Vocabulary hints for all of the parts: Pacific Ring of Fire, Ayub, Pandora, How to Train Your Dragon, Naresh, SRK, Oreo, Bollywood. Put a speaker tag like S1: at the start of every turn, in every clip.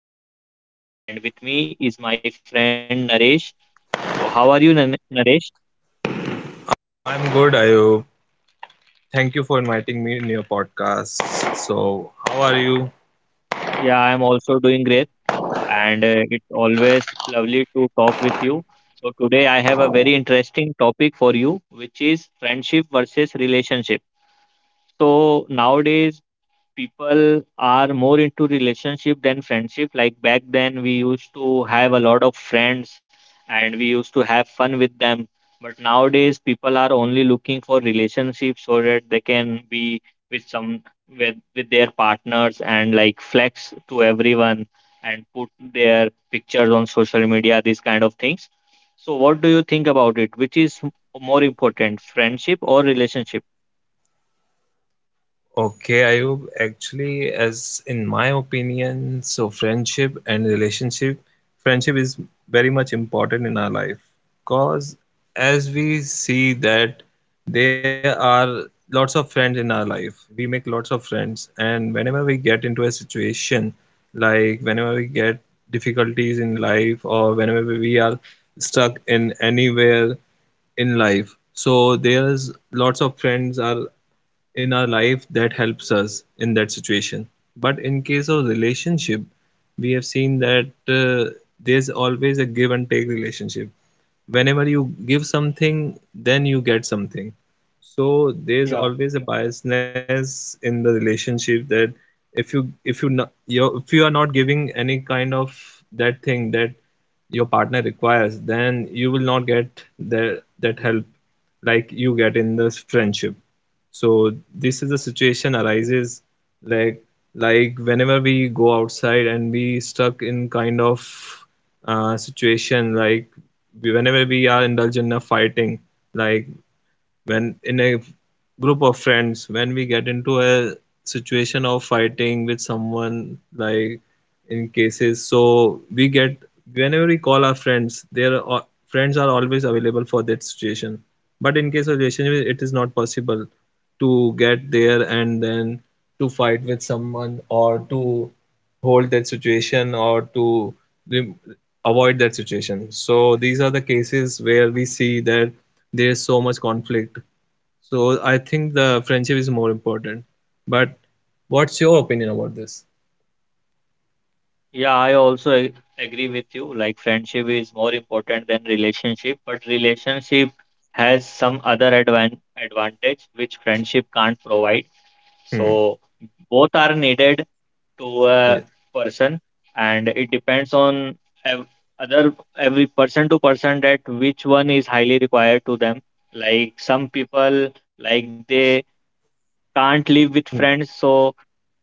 S1: your host for today, and with me is my friend Naresh. So, how are you, Naresh?
S2: I'm good, Ayo. Thank you for inviting me in your podcast. So, how are you?
S1: Yeah, I am also doing great, and it's always lovely to talk with you. So, today I have a very interesting topic for you, which is friendship versus relationship. So, nowadays people are more into relationship than friendship. Like back then we used to have a lot of friends and we used to have fun with them, but nowadays people are only looking for relationships so that they can be with some with their partners and like flex to everyone and put their pictures on social media, these kind of things. So what do you think about it, which is more important, friendship or relationship?
S2: Okay, Ayub. Actually, as in my opinion, so friendship and relationship, friendship is very much important in our life because as we see that there are lots of friends in our life, we make lots of friends, and whenever we get into a situation, like whenever we get difficulties in life or whenever we are stuck in anywhere in life, so there's lots of friends are in our life that helps us in that situation. But in case of relationship, we have seen that there's always a give and take relationship. Whenever you give something, then you get something. So there's always a biasness in the relationship that if you not, you're, if you are not giving any kind of that thing that your partner requires, then you will not get the, that help like you get in this friendship. So this is a situation arises, like like whenever we go outside and we stuck in kind of situation, like whenever we are indulged in a fighting, like when in a group of friends, when we get into a situation of fighting with someone, like in cases, so we get, whenever we call our friends, their friends are always available for that situation. But in case of relationship, it is not possible to get there and then to fight with someone or to hold that situation or to rem- avoid that situation. So these are the cases where we see that there's so much conflict. So I think the friendship is more important. But what's your opinion about this?
S1: Yeah, I also agree with you. Like friendship is more important than relationship, but relationship has some other advantage which friendship can't provide.
S2: Hmm.
S1: So both are needed to a
S2: Yes.
S1: person, and it depends on ev other every person to person that which one is highly required to them. Like some people, like they can't live with
S2: Hmm.
S1: friends, so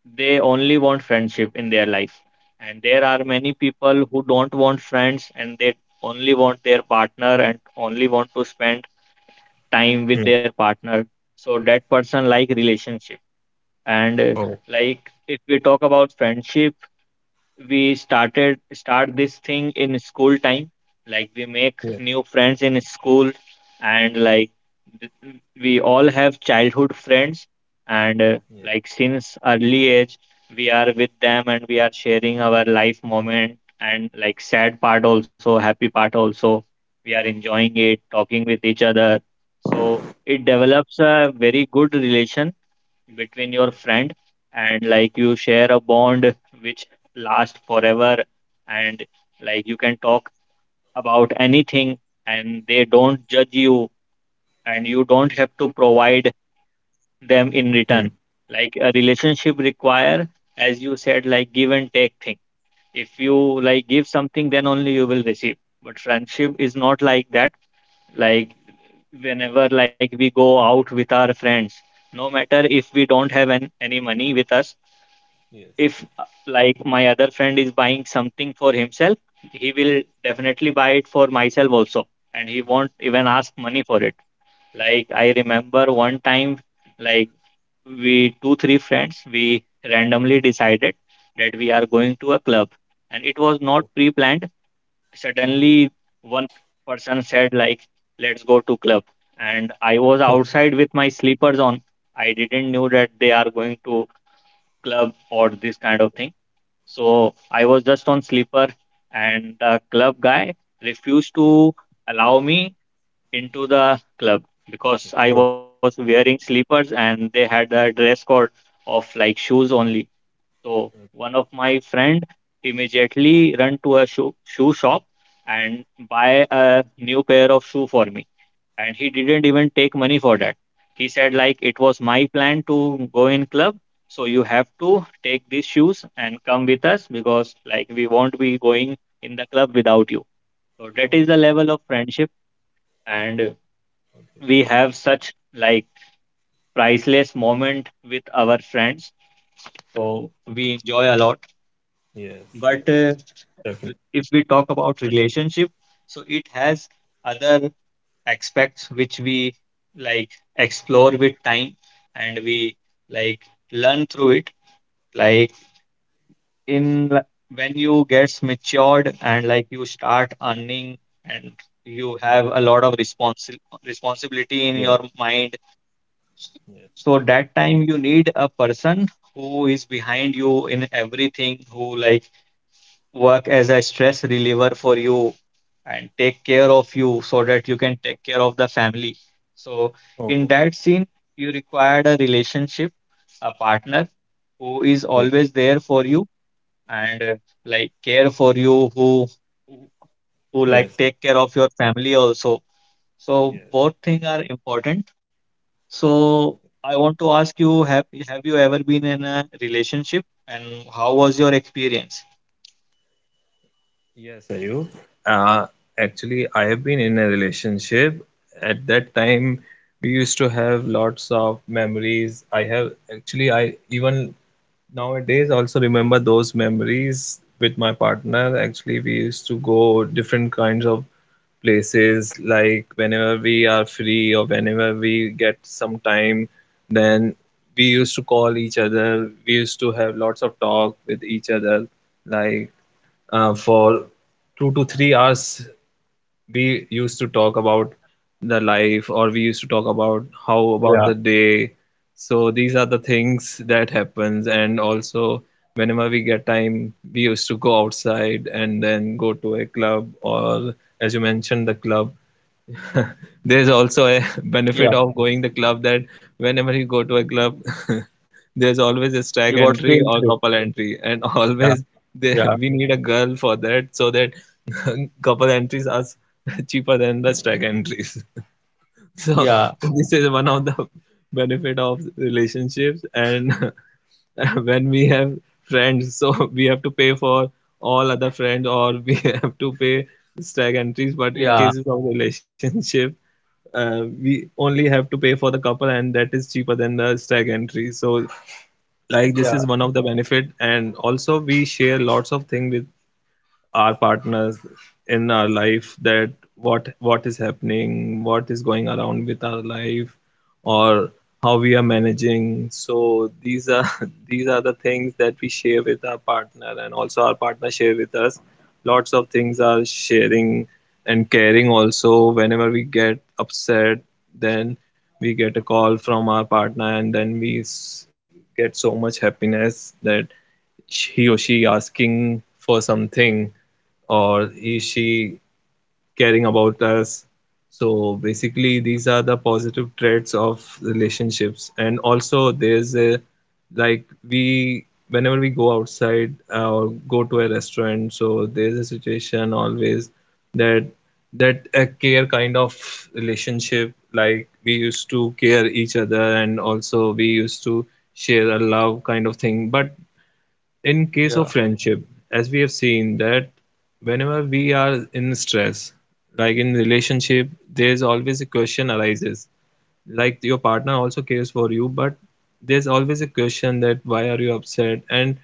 S1: they only want friendship in their life, and there
S2: Yes.
S1: are many people who don't want friends and they only want their partner and only want to spend time with
S2: Hmm.
S1: their partner, so that person like relationship. And
S2: Oh.
S1: like if we talk about friendship, we
S2: Hmm.
S1: start this thing in school time, like we make
S2: Yes.
S1: new friends in school, and like th- we all have childhood friends. And
S2: Yes.
S1: like since early age we are with them and we are sharing our life moment, and like sad part also, happy part also, we are enjoying
S2: Yes.
S1: it, talking with each other. So it develops a very good relation between your
S2: Yes.
S1: friend, and like you share a bond which lasts forever. And like you can talk about anything and they don't judge you, and you don't have to provide them in
S2: Hmm.
S1: return. Like a relationship require, as you said, like give and take thing, if you
S2: Yes.
S1: like give something then only you will receive, but friendship is not like that. Like
S2: Yes.
S1: whenever like we go out with our friends, no matter if we don't have any money with us,
S2: Yes.
S1: if like my other friend is buying something for himself, he will definitely buy it for myself also, and he won't even ask money for it. Like I remember one time, like we two three friends, we randomly decided that we are going to a club, and it was not pre-planned. Suddenly one person said like, let's go to club, and I was outside with my sleepers on. I didn't know that they are going to club or this kind of thing, so I was just on sleeper, and the club guy refused to allow me into the club because
S2: Oh,
S1: I was wearing sleepers and they had a dress code of like shoes only. So one of my friend immediately run to a shoe shop and buy a new pair of shoe for me, and he didn't even take money for that. He said like, it was my plan to go in club, so you have to take these shoes and come with us, because like we won't be going in the club without you. So that is
S2: oh.
S1: the level of friendship. And we have such like priceless moment with our friends, so we enjoy a lot. But
S2: Yes. Yes. Yes.
S1: if
S2: Yes.
S1: we talk about relationship, so it has other aspects which we like explore with time, and we like learn through it. Like in when you gets matured and like you start earning, and you have a lot of responsibility in your
S2: Yes.
S1: mind,
S2: Yes.
S1: so that time you need a person who is behind you in everything, who like work as a stress reliever for you and take care of you so that you can take care of the family. So, in that scene, you required a relationship, a partner who is always there for you, and like care for you, who who, like, take care of your family also. So both things are important. So I want to ask you, have you ever been in a relationship and how was your experience?
S2: Uh, Actually, I have been in a relationship. At that time, we used to have lots of memories. I have actually, I even nowadays, also remember those memories with my partner. Actually, we used to go different kinds of places. Like whenever we are free or whenever we get some time, then we used to call each other. We used to have lots of talk with each other, like for 2 to 3 hours we used to talk about the life, or we used to talk about how
S1: Yeah,
S2: about the day. So these are the things that happens. And also whenever we get time, we used to go outside and then go to a club, or as you mentioned the club, there's also a
S1: yeah,
S2: benefit of going the club, that whenever you go to a club, there's always a
S1: you
S2: stag
S1: got free
S2: entry or
S1: entry.
S2: couple entry, and
S1: Yeah,
S2: always they,
S1: yeah,
S2: we need a girl for that, so that couple entries are cheaper than the stag entries. So
S1: yeah,
S2: this is one of the benefit of relationships. And when we have friends, so we have to pay for all other friends, or we have to pay stag entries. But in
S1: yeah,
S2: cases of relationship, we only have to pay for the couple, and that is cheaper than the stag entry. So like this
S1: yeah,
S2: is one of the benefit. And also we share lots of things with our partners in our life, that what is happening, what is going around with our life, or how we are managing. So these are these are the things that we share with our partner, and also our partner share with us lots of things are sharing and caring. Also whenever we get upset, then we get a call from our partner, and then we get so much happiness that he or she asking for something, or he she caring about us. So basically these are the positive traits of relationships. And also there's a, like, we whenever we go outside or go to a restaurant, so there's a situation always that a care kind of relationship, like we used to care each other, and also we used to share a love kind of thing. But in case of
S1: yeah,
S2: friendship, as we have seen that whenever we are in stress, like in relationship, there's always a question arises. Like your partner also cares for you, but there's always a question that why are you upset? And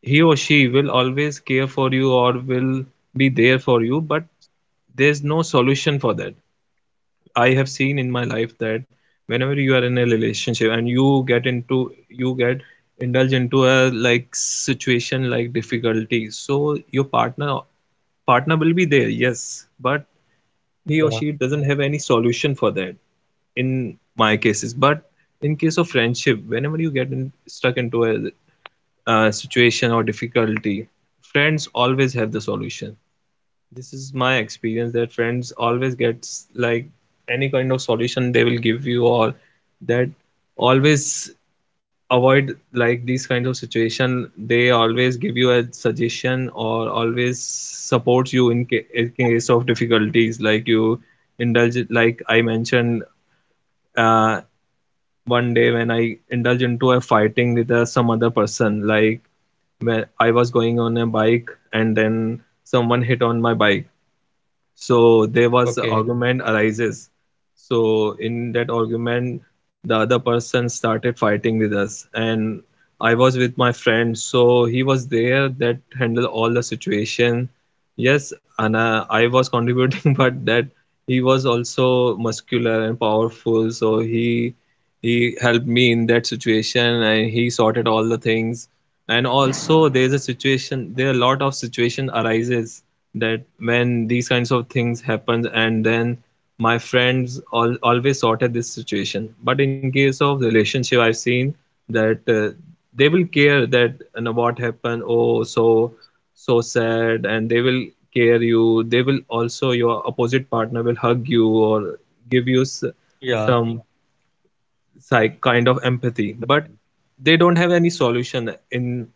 S2: he or she will always care for you or will be there for you, but there's no solution for that. I have seen in my life that whenever you are in a relationship and you get indulge into a like situation like difficulty, so your partner will be there, yes, but he or
S1: yeah.
S2: she doesn't have any solution for that in my cases. But in case of friendship, whenever you get in, stuck into a situation or difficulty, friends always have the solution. This is my experience that friends always gets like any kind of solution they will give you, or that always avoid like these kinds of situation. They always give you a suggestion or always support you in, ca- in case of difficulties. Like you indulge, like I mentioned uh, one day when I indulge into a fighting with some other person. Like when I was going on a bike and then someone hit on my bike, so there was a
S1: Okay,
S2: argument arises. So in that argument, the other person started fighting with us, and I was with my friend, so he was there that handled all the situation, yes. And I was contributing, but that he was also muscular and powerful, so he helped me in that situation, and he sorted all the things. And also there's a situation, there are a lot of situation arises that when these kinds of things happen, and then my friends always sorted this situation. But in case of relationship, I've seen that they will care, that you know what happened, oh so so sad, and they will care you, they will also your opposite partner will hug you, or give you
S1: yeah,
S2: some psych kind of empathy. But
S1: definitely.
S2: they don't have any solution in,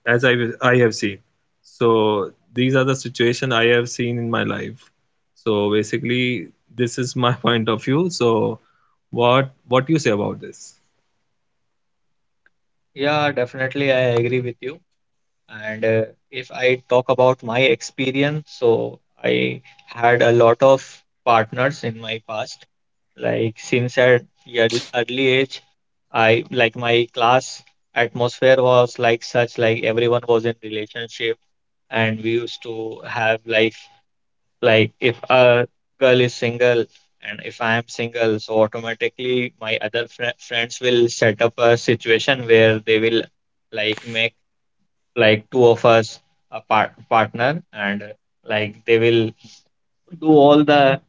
S2: as I have seen. So these are the situation I have seen in my life. So basically, this is my point of view. So what you say about this?
S1: Yeah. Definitely, I agree with you. And if I talk about my experience, so I had a lot of partners in my past. Like since at early age, I like my class atmosphere was like such. Like everyone was in relationship, and we used to have like— like if a girl is single and if I am single, so automatically my other friends will set up a situation where they will like make like two of us a partner. And like they will do all the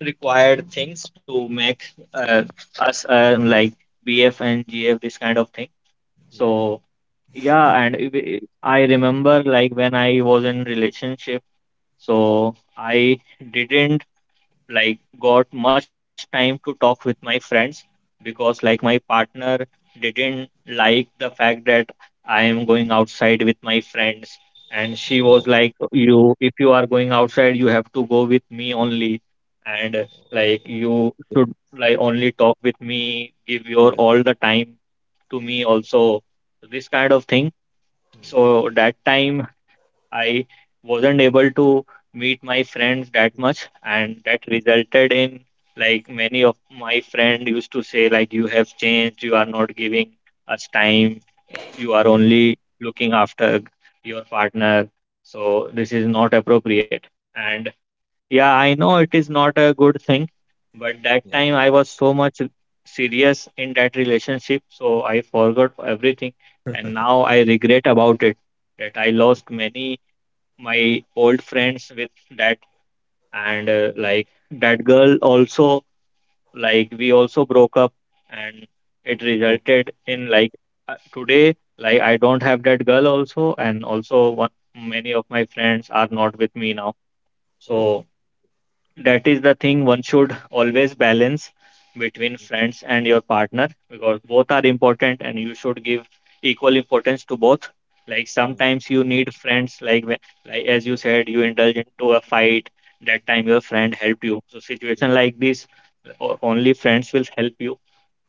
S1: required things to make uh, us like BF and GF, this kind of thing. So yeah, and if it- I remember like when I was in relationship, so I didn't like got much time to talk with my friends because like my partner didn't like the fact that I am going outside with my friends, and she was like, you, if you are going outside you have to go with me only, and like you should like only talk with me, give your all the time to me also, this kind of thing. So that time I wasn't able to meet my friends that much, and that resulted in like many of my friend used to say like, you have changed, you are not giving us time, you are only looking after your partner, so this is not appropriate. And yeah, I know it is not a good thing, but that
S2: Yeah.
S1: time I was so much serious in that relationship, so I forgot everything, and now I regret about it, that I
S2: Oh.
S1: lost many my old friends with that. And like that girl also, like we also broke up, and it resulted in like today like I don't have that girl also, and also many of my friends are not with me now. So that is the thing, one should always balance between friends and your partner, because both are important and you should give equal importance to both. Like sometimes you need friends, like like as you said you indulge into a fight, that time your friend helped you. So situation like this, only friends will help you.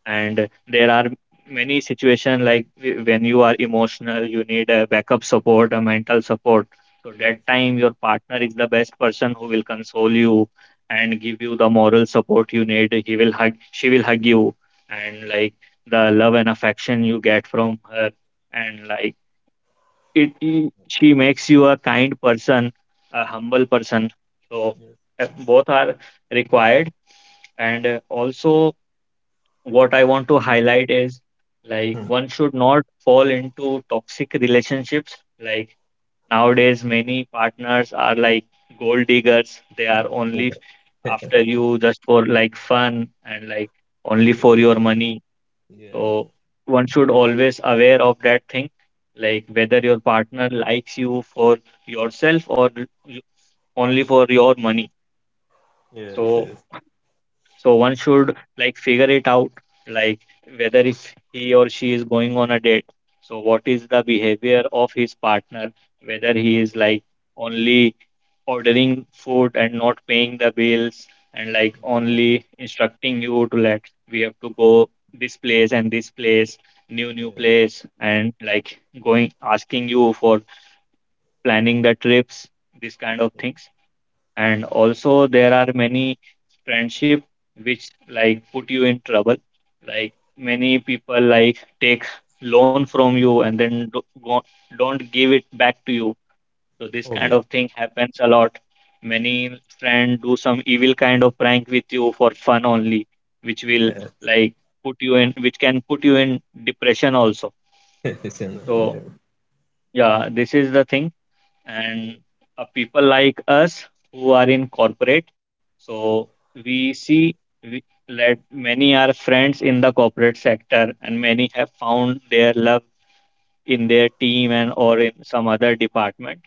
S1: And there are many situations like when you are emotional, you need a backup support, a mental support, so that time your partner is the best person who will console you and give you the moral support you need. He will hug She will hug you, and like the love and affection you get from her, and like she makes you a kind person, a humble person. So both are required. And also, what I want to highlight is, like one should not fall into toxic relationships. Like nowadays, many partners are like gold diggers. They are only after you just for like fun, and like only for your money. So one should always aware of that thing. Like whether your partner likes you for yourself or you- only for your money. So one should like figure it out, like whether if he or she is going on a date. So what is the behavior of his partner? Whether he is like only ordering food and not paying the bills, and like only instructing you to, let we have to go this place and this place, new place, and like going asking you for planning the trips, this kind of things. And also there are many friendship which like put you in trouble. Like many people like take loan from you and then go, don't give it back to you. So this kind of thing happens a lot. Many friend do some evil kind of prank with you for fun only, which will like put you in which can put you in depression also. So yeah, this is the thing. And people like us who are in corporate. So we see we, that many are friends in the corporate sector, and many have found their love in their team, and or in some other department.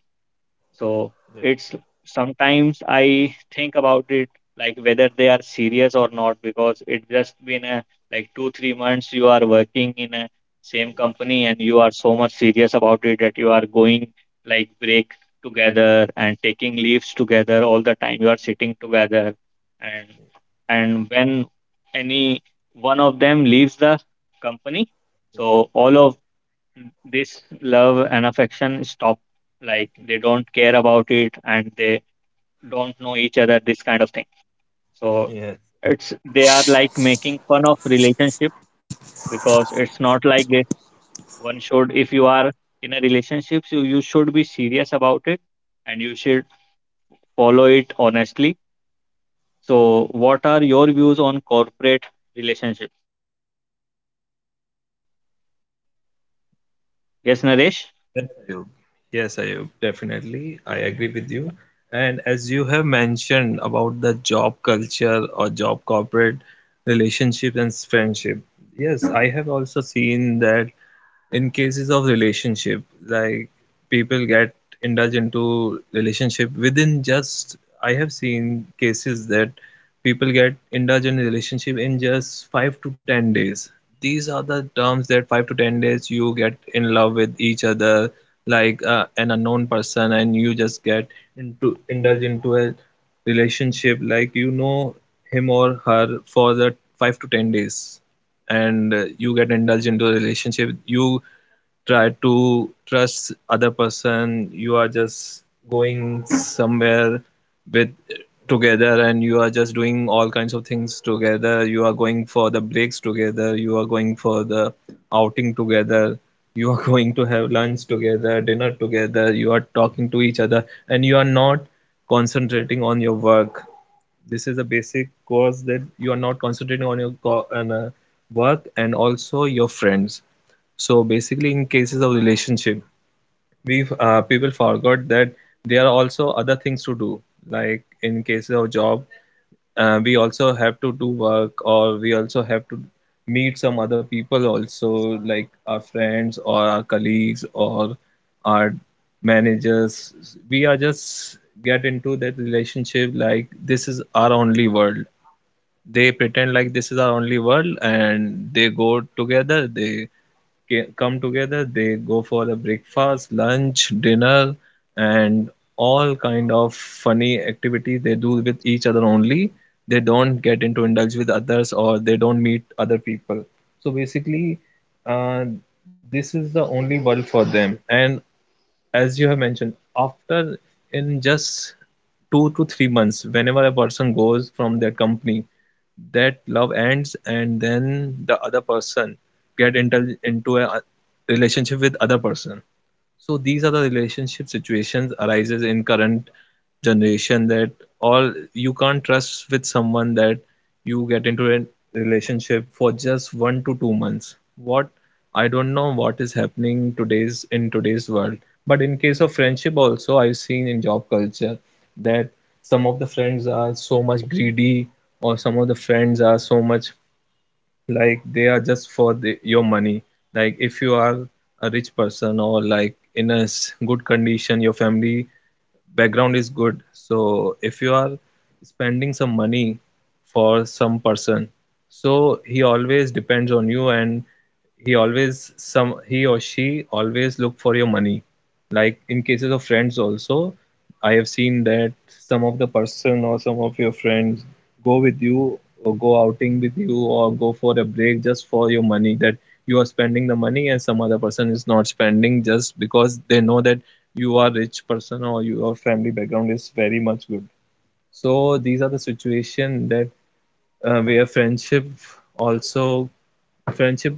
S1: So it's sometimes I think about it, like whether they are serious or not, because it just been a like 2-3 months you are working in a same company, and you are so much serious about it that you are going like break together and taking leaves together, all the time you are sitting together. And and when any one of them leaves the company, so all of this love and affection stop, like they don't care about it, and they don't know each other, this kind of thing. So it's, they are like making fun of relationship because it's not like this. One should, if you are in a relationship, you should be serious about it, and you should follow it honestly. So what are your views on corporate relationship? Yes, Naresh.
S3: Yes, Ayub. Yes, Ayub, definitely. I agree with you. And as you have mentioned about the job culture or job corporate relationship and friendship, yes, I have also seen that in cases of relationship, like people get indulged into relationship within just, I have seen cases that people get indulge in relationship in just 5 to 10 days. These are the terms that 5 to 10 days you get in love with each other, like an unknown person, and you just get into indulge into a relationship like you know him or her for the 5 to 10 days, and you get indulged into a relationship. You try to trust other person, you are just going somewhere with together, and you are just doing all kinds of things together. You are going for the breaks together, you are going for the outing together, you are going to have lunch together, dinner together. You are talking to each other and you are not concentrating on your work. This is a basic course that you are not concentrating on your work and also your friends. So basically in cases of relationship, we people forgot that there are also other things to do, like in cases of job, we also have to do work, or we also have to meet some other people also, like our friends or our colleagues or our managers. We are just get into that relationship like this is our only world. They pretend like this is our only world and they go together, they come together, they go for a breakfast, lunch, dinner, and all kind of funny activity they do with each other only. They don't get into indulge with others or they don't meet other people. So basically, uh, this is the only world for them, and as you have mentioned, after in just 2 to 3 months, whenever a person goes from their company, that love ends, and then the other person get into a relationship with other person. So these are the relationship situations arises in current generation that all you can't trust with someone that you get into a relationship for just 1 to 2 months. What I don't know what is happening today's in today's world. But in case of friendship also, I've seen in job culture that some of the friends are so much greedy, or some of the friends are so much like they are just for the, your money. Like if you are a rich person or like in a good condition, your family background is good. So if you are spending some money for some person, so he always depends on you, and he always some he or she always look for your money. Like in cases of friends also, I have seen that some of the person or some of your friends go with you or go outing with you or go for a break just for your money, that you are spending the money and some other person is not spending just because they know that you are rich person or your family background is very much good. So these are the situation that where friendship also, friendship,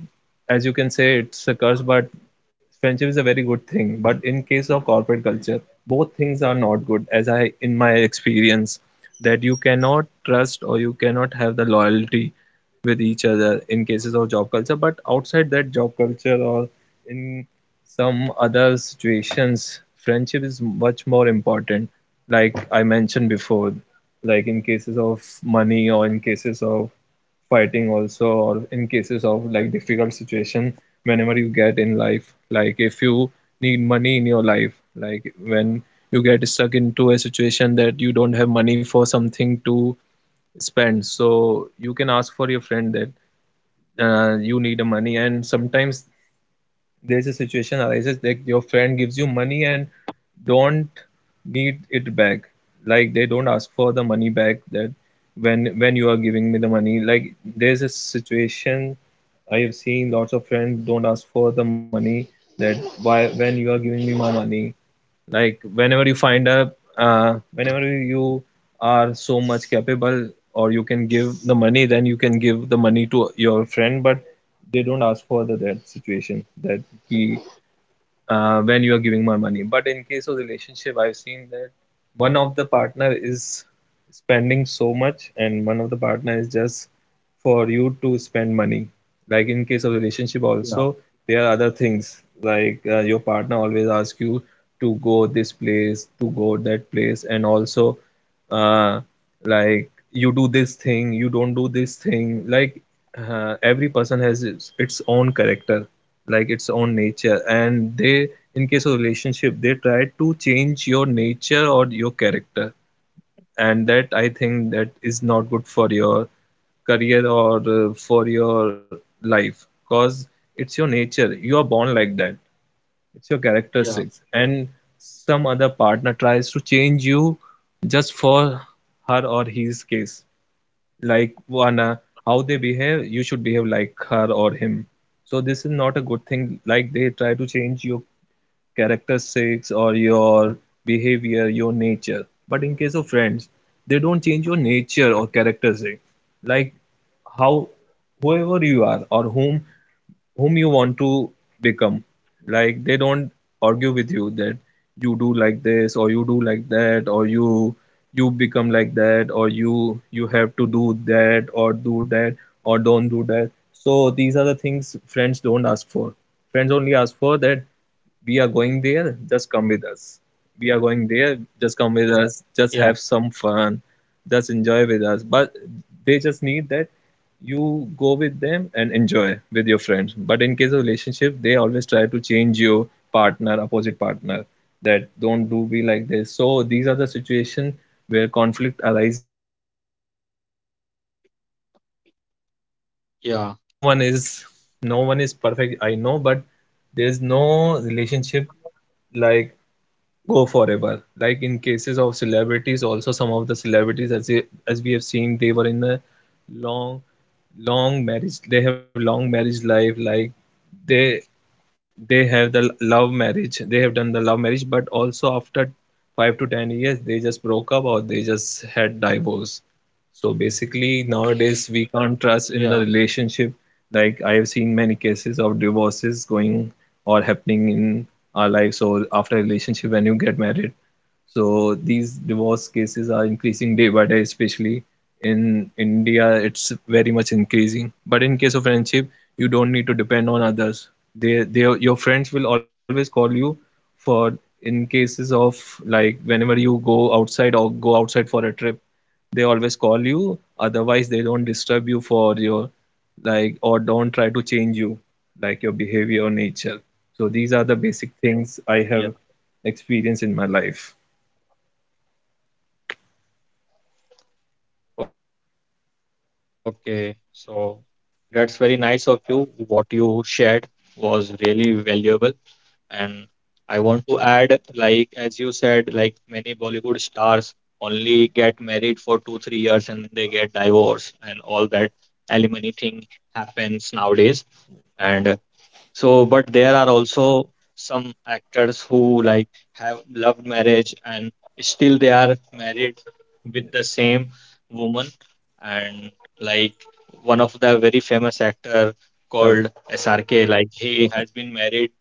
S3: as you can say, it's a curse, but friendship is a very good thing. But in case of corporate culture, both things are not good as I in my experience, that you cannot trust or you cannot have the loyalty with each other in cases of job culture. But outside that job culture or in some other situations, friendship is much more important. Like I mentioned before, like in cases of money or in cases of fighting also, or in cases of like difficult situation whenever you get in life, like if you need money in your life, like when you get stuck into a situation that you don't have money for something to spend, so you can ask for your friend that you need a money. And sometimes there's a situation arises that your friend gives you money and don't need it back. Like they don't ask for the money back, that when you are giving me the money. Like there's a situation, I have seen lots of friends don't ask for the money, that why when you are giving me my money, like whenever you find a whenever you are so much capable or you can give the money, then you can give the money to your friend, but they don't ask for the that situation, that he when you are giving more money. But in case of relationship, I've seen that one of the partner is spending so much, and one of the partner is just for you to spend money. Like in case of relationship
S1: Yeah,
S3: also, there are other things like your partner always asks you to go this place, to go that place, and also uh, like you do this thing, you don't do this thing. Like every person has its own character, like its own nature, and they in case of relationship they try to change your nature or your character. And that I think that is not good for your career or for your life, because it's your nature, you are born like that. It's your
S1: yeah,
S3: characteristics, and some other partner tries to change you just for her or his case. Like one how they behave, you should behave like her or him. So this is not a good thing, like they try to change your characteristics or your behavior, your nature. But in case of friends, they don't change your nature or characteristic. Like how whoever you are, or whom you want to become. Like they don't argue with you that you do like this or you do like that, or you become like that, or you have to do that or don't do that. So these are the things friends don't ask for. Friends only ask for that we are going there, just come with us. We are going there, just come
S1: yeah,
S3: with us, just have some fun, just enjoy with us. But they just need that you go with them and enjoy with your friends. But in case of relationship, they always try to change your partner, opposite partner, that don't do, be like this. So these are the situation where conflict arises, and lots of relationship, as we have seen nowadays, no one is no one is perfect, I know. But there's no relationship like go forever. Like in cases of celebrities also, some of the celebrities, as we have seen, they were in a long, long marriage. They have long marriage life, like they they have the love marriage, they have done the love marriage. But also after 5 to 10 years, they just broke up or they just had divorce. So basically
S1: yeah.
S3: nowadays we can't trust in the relationship. Like I have seen many cases of divorces going or happening in our lives. So after a relationship when you get married, so these divorce cases are increasing day by day, especially in India, it's very much increasing. But in case of friendship, you don't need to depend on others. Your friends will always call you for in cases of like whenever you go outside or go outside for a trip, they always call you. Otherwise, they don't disturb you for your like, or don't try to change you like your behavior or nature. So these are the basic
S1: Yeah.
S3: things I have experienced in my life.
S1: Okay, so that's very nice of you. What you shared was really valuable. And I want to add, like, as you said, like many Bollywood stars only get married for two, 3 years and then they get divorced, and all that alimony thing happens nowadays. And so, but there are also some actors who like have loved marriage and still they are married with the same woman. And, like, one of the very famous actor
S3: Uh,
S1: called SRK, like he has been married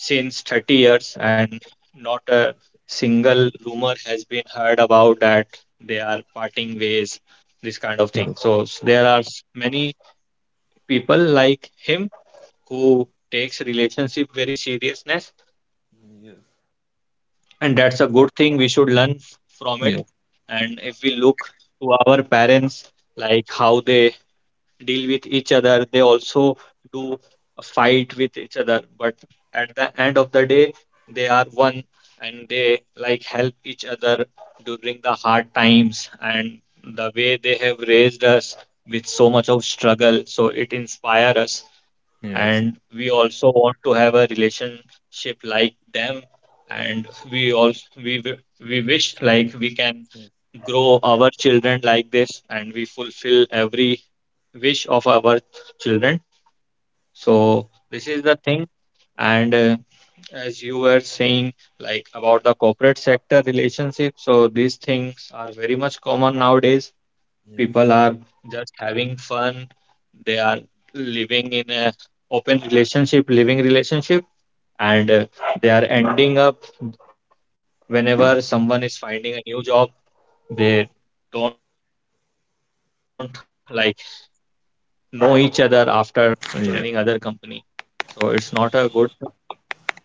S1: since 30 years, and not a single rumor has been heard about that they are parting ways, this kind of thing.
S3: yes,
S1: So there are many people like him who takes relationship very seriousness, and that's a good thing we should learn from it. And if
S3: yes,
S1: we look to our parents, like how they deal with each other, they also do a fight with each other, but at the end of the day they are one, and they like help each other during the hard times, and the way they have raised us with so much of struggle, so it inspires us.
S3: yes,
S1: And we also want to have a relationship like them, and we also we wish, like, we can grow our children like this, and we fulfill every wish of our children. So this is the thing. And as you were saying, like about the corporate sector relationship, so these things are very much common nowadays. People are just having fun, they are living in a open relationship, living relationship, and they are ending up whenever someone is finding a new job. They don't, like, know each other after joining other company, so it's not a good thing. And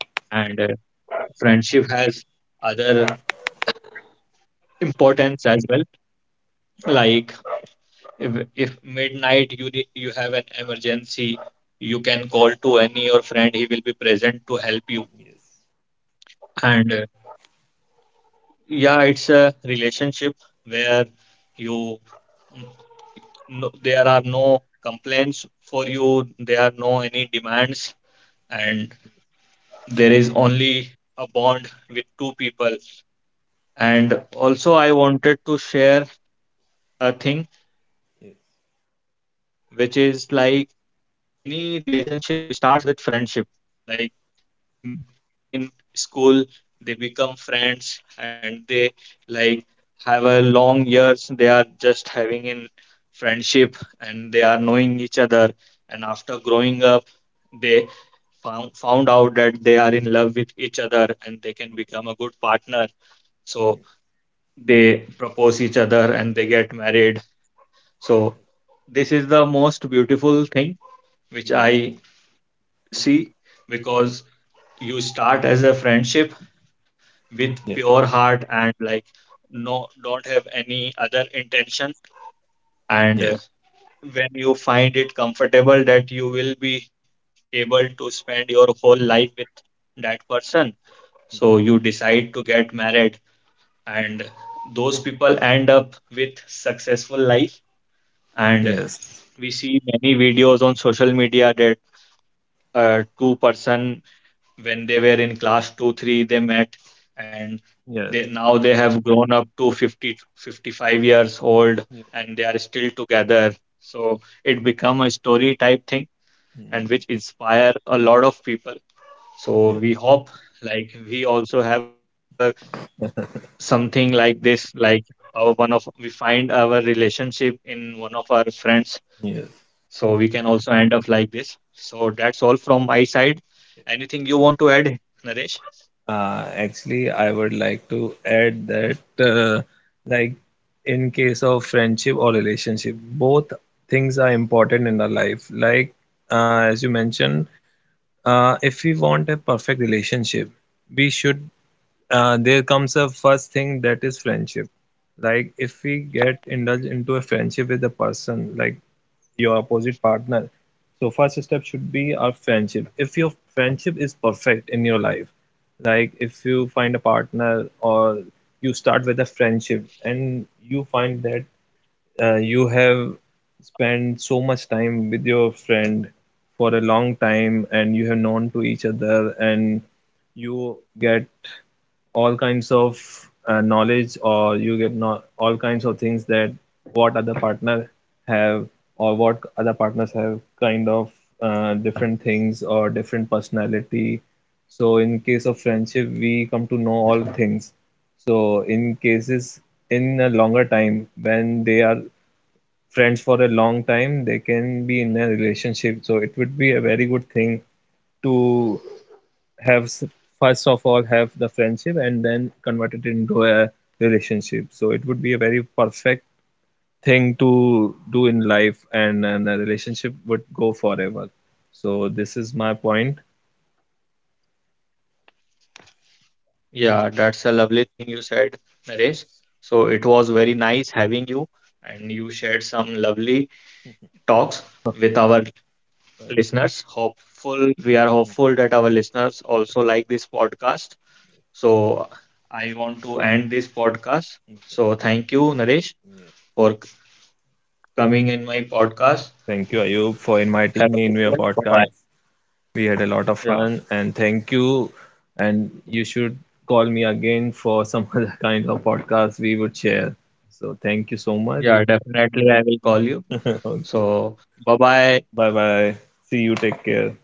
S1: friendship has other importance as well. Like, if midnight you need, you have an emergency, you can call to any your friend, he will be present to help you. And yeah, it's a relationship where you, no, there are no complaints for you, there are no any demands, and there is only a bond with two people. And also I wanted to share a thing which is like many relationship starts with friendship. Like, m- some people who meet in school, they become friends, and they, like, have a long years, they are just having in friendship, and they are knowing each other. And after growing up, they found out that they are in love with each other, and they can become a good partner. So they propose each other, and they get married. So this is the most beautiful thing which I see, because you start as a friendship with pure heart and, like, no, don't have any other intention. And when you find it comfortable that you will be able to spend your whole life with that person, so you decide to get married, and those people end up with successful life. And we see many videos on social media that two person, when they were in class 2 3 they met, and
S3: yes,
S1: they now they have grown up to 55 years old,
S3: yes.
S1: and they are still together. So it become a story type thing, and which inspire a lot of people. So we hope, like, we also have a something like this, like our one of we find our relationship in one of our friends, so we can also end up like this. So that's all from my side. Anything you want to add, Naresh?
S3: Actually, I would like to add that, like, in case of friendship or relationship, both things are important in our life. Like, as you mentioned, if we want a perfect relationship, we should. There comes a first thing, that is friendship. Like if we get indulged into a friendship with a person, like your opposite partner. So first step should be our friendship. If your friendship is perfect in your life, like if you find a partner, or you start with a friendship and you find that you have spent so much time with your friend for a long time, and you have known to each other, and you get all kinds of knowledge, or you get not all kinds of things, that what other partner have, or what other partners have kind of different things or different personality. So in case of friendship, we come to know all things. So in cases in a longer time, when they are friends for a long time, they can be in a relationship. So it would be a very good thing to have s- first of all have the friendship and then convert it into a relationship. So it would be a very perfect thing to do in life, and, a relationship would go forever. So this is my point.
S1: Yeah, that's a lovely thing you said, Naresh. So it was very nice having you, and you shared some lovely talks with our listeners. Hopeful, we are hopeful that our listeners also like this podcast. So I want to end this podcast. So thank you, Naresh, for coming in my podcast.
S3: Thank you, Ayub, for inviting
S1: Have a
S3: me
S1: good
S3: in your
S1: one. Bye-bye.
S3: podcast. We had a lot of
S1: Yeah,
S3: fun, and thank you. And you should call me again for some other kind of podcast we would share. So thank you so much.
S1: yeah, definitely I will call you.
S3: Okay.
S1: So bye-bye,
S3: Bye
S1: our
S3: bye.
S1: listener.
S3: See
S1: Have
S3: you.
S1: a good
S3: Take
S1: day.
S3: care.